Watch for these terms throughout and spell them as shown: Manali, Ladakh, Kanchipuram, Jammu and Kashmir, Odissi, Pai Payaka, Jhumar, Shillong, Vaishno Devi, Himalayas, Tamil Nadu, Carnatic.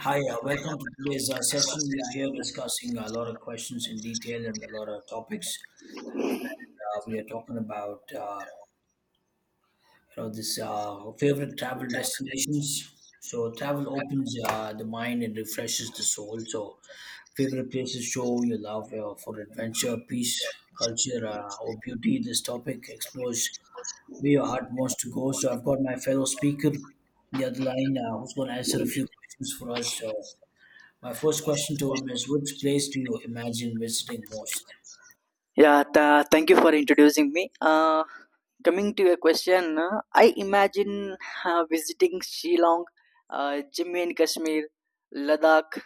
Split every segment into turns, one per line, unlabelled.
Hi, welcome to today's session. We are here discussing a lot of questions in detail and a lot of topics. We are talking about this favorite travel destinations. So travel opens the mind and refreshes the soul. So favorite places show your love for adventure, peace, culture, or beauty. This topic explores where your heart wants to go. So I've got my fellow speaker on the other line, who's going to answer a few questions for us. So my first question to him is, which place do you imagine visiting most?
Yeah, tha Thank you for introducing me. Coming to your question, I imagine visiting Shillong, Jammu and Kashmir, Ladakh,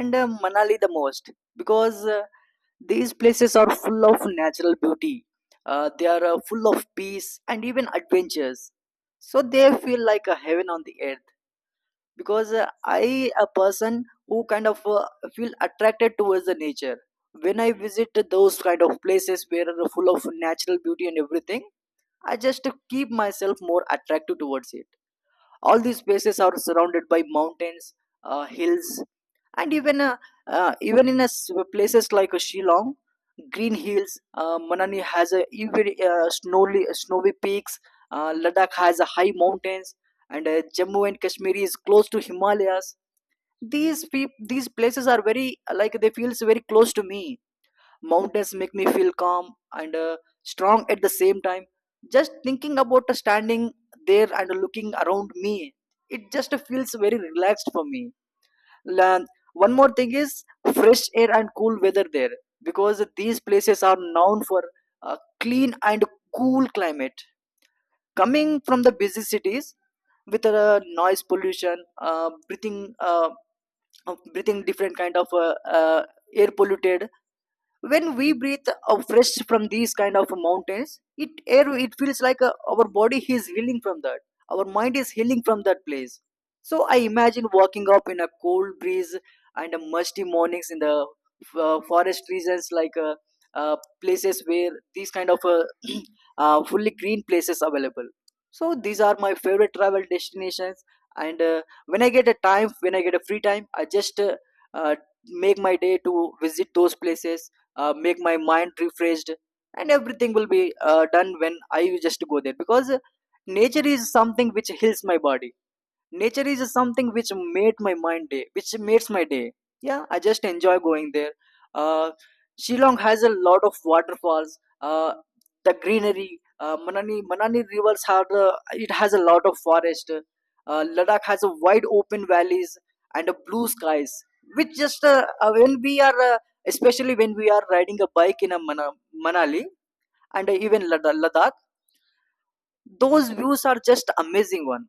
and Manali the most because these places are full of natural beauty. They are full of peace and even adventures. So they feel like a heaven on the earth, because I a person who kind of feel attracted towards the nature. When I visit those kind of places where are full of natural beauty and everything, I just keep myself more attractive towards it. All these places are surrounded by mountains, hills, and even even in a s places like Shillong, green hills. Manani has a even snowy peaks. Ladakh has a high mountains, and Jammu and Kashmir is close to Himalayas. These places are very like they feels very close to me. Mountains make me feel calm and strong at the same time. Just thinking about standing there and looking around me, it just feels very relaxed for me. La- One more thing is fresh air and cool weather there, because these places are known for a clean and cool climate. Coming from the busy cities with noise pollution, breathing different kind of air polluted. When we breathe a fresh from these kind of mountains, it air it feels like our body is healing from that, our mind is healing from that place. So I imagine walking up in a cold breeze and a musty mornings in the forest regions like uh, places where these kind of fully green places available. So these are my favorite travel destinations. And when I get a time when I get a free time, I just uh, make my day to visit those places, make my mind refreshed, and everything will be done when I just go there, because nature is something which heals my body. Nature is something which made my mind day which makes my day. Yeah, I just enjoy going there. uh Shillong has a lot of waterfalls. The greenery. Manani rivers have the, it has a lot of forest. Ladakh has a wide open valleys and a blue skies, which just when we are especially when we are riding a bike in a Manali, and even Ladakh. Those views are just amazing one.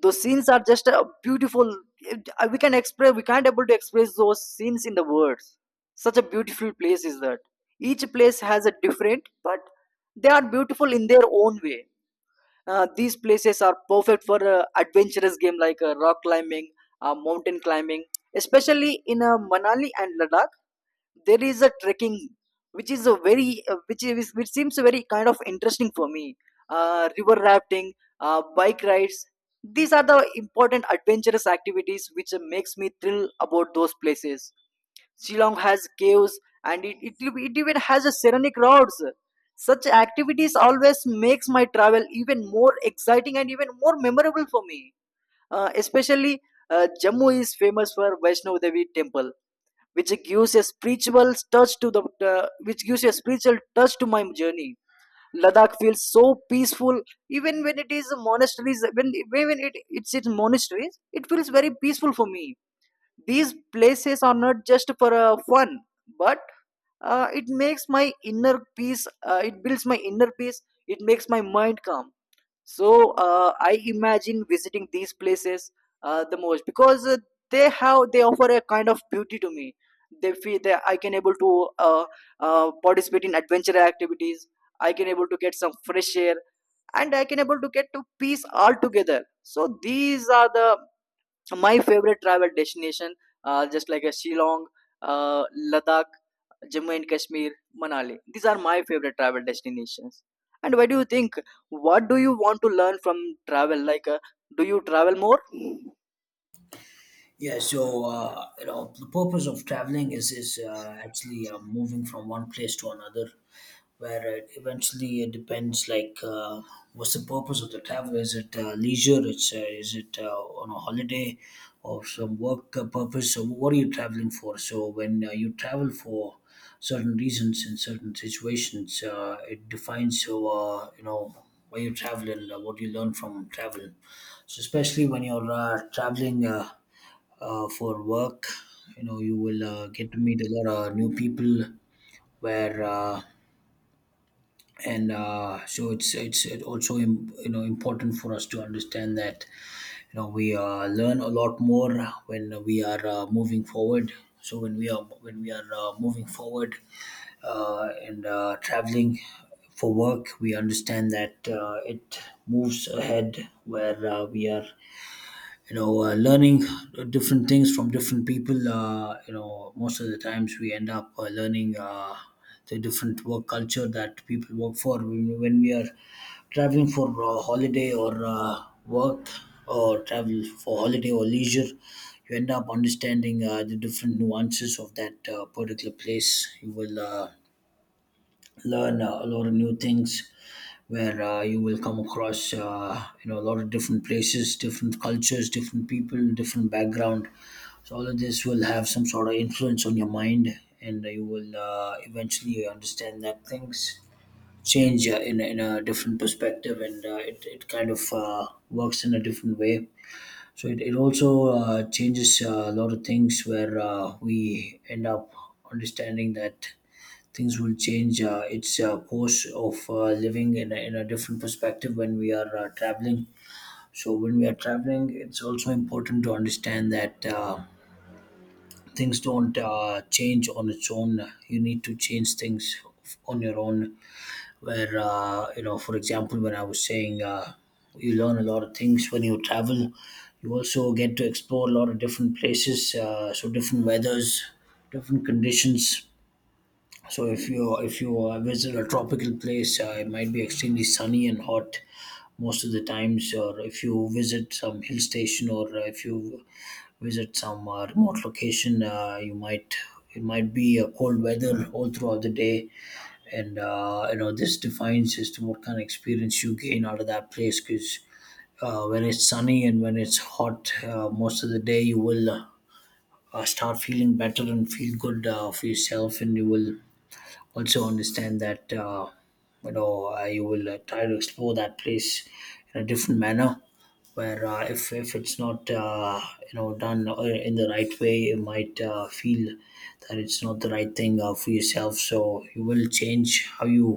Those scenes are just beautiful. We can't able to express those scenes in the words. Such a beautiful place is that. Each place has a different, but they are beautiful in their own way. These places are perfect for adventurous game like rock climbing, mountain climbing, especially in Manali and Ladakh. There is a trekking which is a very which seems very kind of interesting for me. River rafting, bike rides, these are the important adventurous activities which makes me thrill about those places. Shillong has caves and it even has a serenic roads. Such activities always makes my travel even more exciting and even more memorable for me. Especially Jammu is famous for Vaishno Devi temple, which gives a spiritual touch to the which gives a spiritual touch to my journey. Ladakh feels so peaceful, even when it is monasteries. When it's in monasteries, it feels very peaceful for me. These places are not just for fun, but it makes my inner peace. It builds my inner peace. It makes my mind calm. So I imagine visiting these places the most because they offer a kind of beauty to me. They feel that I can able to participate in adventure activities. I can able to get some fresh air, and I can able to get to peace altogether. So these are the my favorite travel destination. Just like a Shillong, uh, Ladakh, Jammu and Kashmir, Manali. These are my favorite travel destinations. And what do you think? What do you want to learn from travel? Like, do you travel more?
Yeah, so you know the purpose of traveling is actually moving from one place to another, where it eventually it depends like, what's the purpose of the travel? Is it leisure? It's is it on a holiday or some work purpose? So what are you traveling for? So when you travel for certain reasons in certain situations, it defines so you know why you travel and what you learn from travel. So especially when you're traveling, for work. You know, you will get to meet a lot of new people where, and so it's it also you know important for us to understand that you know we learn a lot more when we are moving forward. So when we are moving forward and traveling for work, we understand that it moves ahead where we are, you know, learning different things from different people. You know, most of the times we end up learning the different work culture that people work for when we are traveling for holiday or work, or travel for holiday or leisure, you end up understanding the different nuances of that particular place. You will learn a lot of new things, where you will come across, you know, a lot of different places, different cultures, different people, different background. So all of this will have some sort of influence on your mind, and you will eventually understand that things change in a different perspective, and it, it kind of works in a different way. So it also changes a lot of things, where we end up understanding that things will change. It's a course of living in a different perspective when we are traveling. So when we are traveling, it's also important to understand that things don't change on its own. You need to change things on your own. Where, you know, for example, when I was saying. You learn a lot of things when you travel. You also get to explore a lot of different places, so different weathers, different conditions. So if you visit a tropical place, it might be extremely sunny and hot most of the times. Or if you visit some hill station, or if you visit some remote location, you might it might be cold weather all throughout the day, and you know this defines as to what kind of experience you gain out of that place. Because when it's sunny and when it's hot, most of the day you will start feeling better and feel good for yourself, and you will also understand that you will try to explore that place in a different manner, where if it's not done in the right way, you might feel that it's not the right thing for yourself. So you will change how you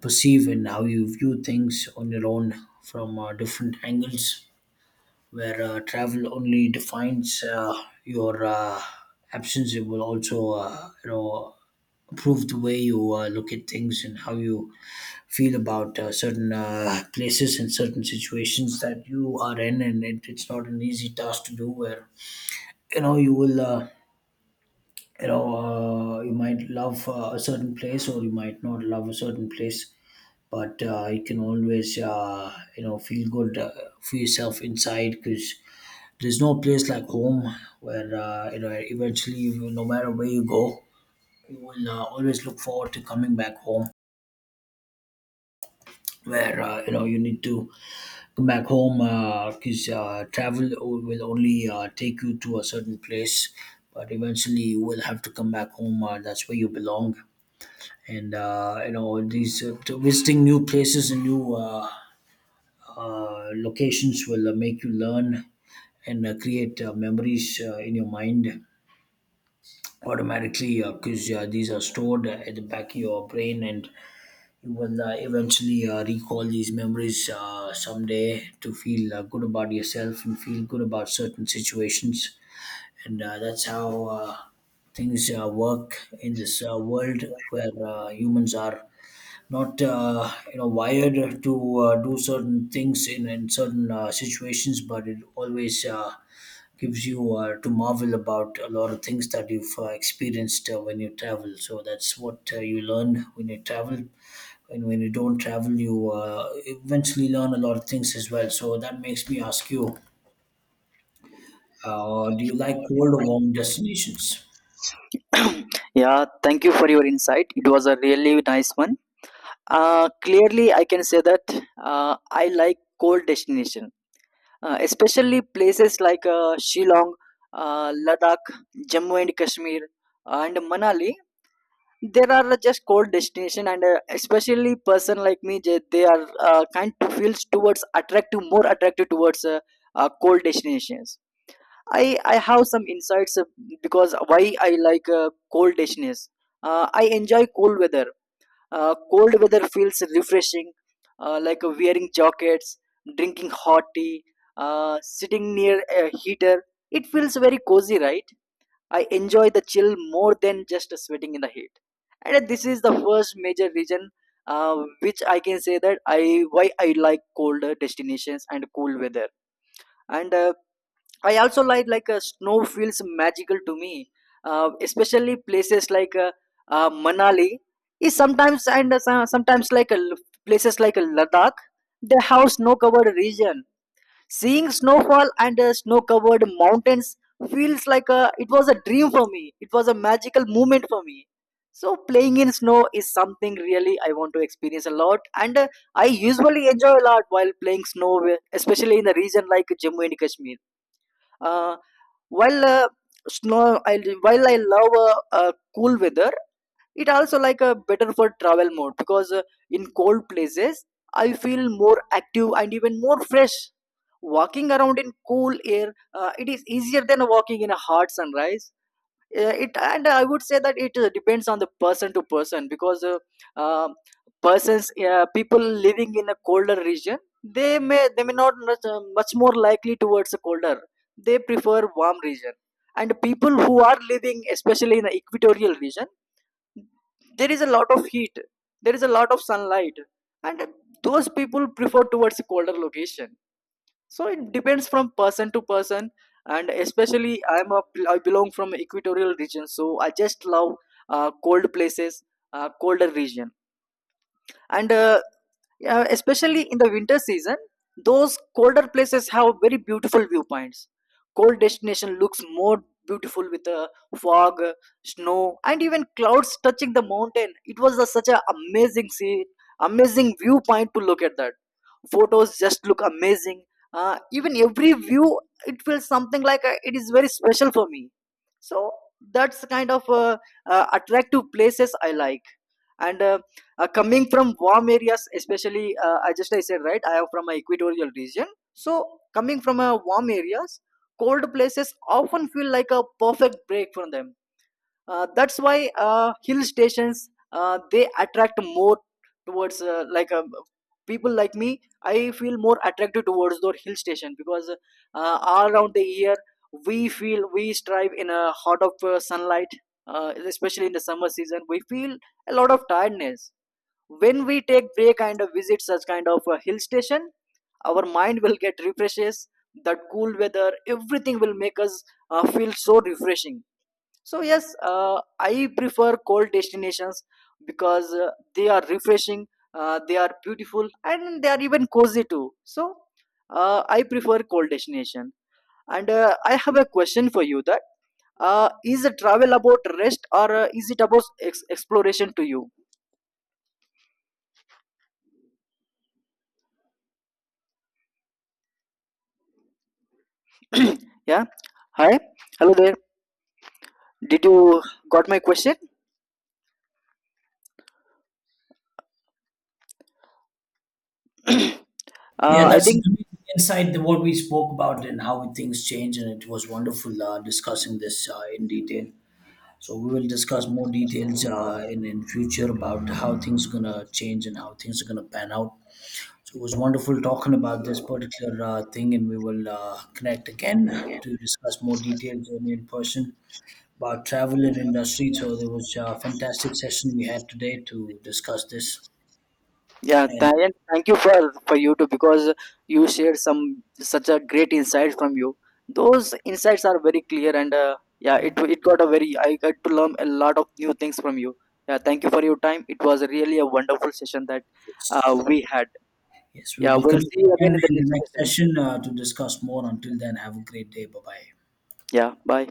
perceive and how you view things on your own from different angles, where travel only defines your absence. It will also improve the way you look at things and how you feel about certain places and certain situations that you are in, and it, it's not an easy task to do, where you know you will you might love a certain place or you might not love a certain place, but you can always feel good for yourself inside, because there's no place like home, where eventually you, no matter where you go, you will always look forward to coming back home, where you need to come back home because travel will only take you to a certain place, but eventually you will have to come back home. That's where you belong. And these to visiting new places and new locations will make you learn and create memories in your mind automatically, because these are stored at the back of your brain, and you will eventually recall these memories someday to feel good about yourself and feel good about certain situations. And that's how things work in this world, where humans are not wired to do certain things in certain situations, but it always gives you to marvel about a lot of things that you've experienced when you travel. So that's what you learn when you travel, and when you don't travel you eventually learn a lot of things as well. So that makes me ask you, do you like cold or warm destinations?
Yeah, thank you for your insight. It was a really nice one. Clearly, I can say that I like cold destination, especially places like Shillong, Ladakh, Jammu and Kashmir, and Manali. There are just cold destination, and especially person like me, they are kind to feels towards attractive more attractive towards cold destinations. I have some insights, because why I like cold destinations. I enjoy cold weather. Cold weather feels refreshing, like wearing jackets, drinking hot tea, sitting near a heater. It feels very cozy, right? I enjoy the chill more than just sweating in the heat. And this is the first major reason which I can say that I why I like colder destinations and cool weather. And I also like snow feels magical to me, especially places like Manali. Is sometimes, and sometimes places like Ladakh, they have snow covered region. Seeing snowfall and snow-covered mountains feels like a, it was a dream for me. It was a magical moment for me. So playing in snow is something really I want to experience a lot, and I usually enjoy a lot while playing snow, especially in the region like Jammu and Kashmir. Uh, while snow, I, while I love cool weather, it also like a better for travel mode, because in cold places I feel more active and even more fresh, walking around in cool air. It is easier than walking in a hot sunrise. It and I would say that it depends on the person to person, because uh, persons people living in a colder region, they may not much, much more likely towards a colder, they prefer warm region. And people who are living especially in the equatorial region, there is a lot of heat, there is a lot of sunlight, and those people prefer towards colder location. So it depends from person to person. And especially I belong from equatorial region, so I just love cold places, colder region. And especially in the winter season, those colder places have very beautiful viewpoints. Cold destination looks more beautiful with the fog, snow, and even clouds touching the mountain. It was a, such an amazing scene, amazing viewpoint to look at that. Photos just look amazing. Even every view, it feels something like it is very special for me. So that's the kind of attractive places I like. And coming from warm areas, especially, I said right, I am from a equatorial region. So coming from warm areas, cold places often feel like a perfect break from them. That's why hill stations they attract more towards people like me. I feel more attracted towards those hill station because all around the year we feel we strive in a hot of sunlight, especially in the summer season. We feel a lot of tiredness when we take break and visit such kind of a hill station. Our mind will get refreshes. That cool weather, everything will make us feel so refreshing. So yes, I prefer cold destinations because they are refreshing, they are beautiful, and they are even cozy too. So I prefer cold destination. And I have a question for you: that is the travel about rest, or is it about exploration to you? Yeah. Hi. Hello there. Did you got my question?
Yeah,
I
that's an
think
amazing insight to what we spoke about and how things change. And it was wonderful discussing this in detail. So we will discuss more details in future about how things are gonna change and how things are gonna pan out. So it was wonderful talking about this particular thing, and we will connect again to discuss more details in person about travel and industry. So there was a fantastic session we had today to discuss this,
Yeah,
and
Dayan, thank you for you too, because you shared some such a great insights from you. Those insights are very clear, and yeah, it got a very I got to learn a lot of new things from you. Yeah, thank you for your time. It was really a wonderful session that we had.
yes, we
Yeah,
will
we'll
connect
see you
again
again in the
in the
next
next
session.
session to discuss more. Until then, have a great day. Bye bye.
Yeah, bye.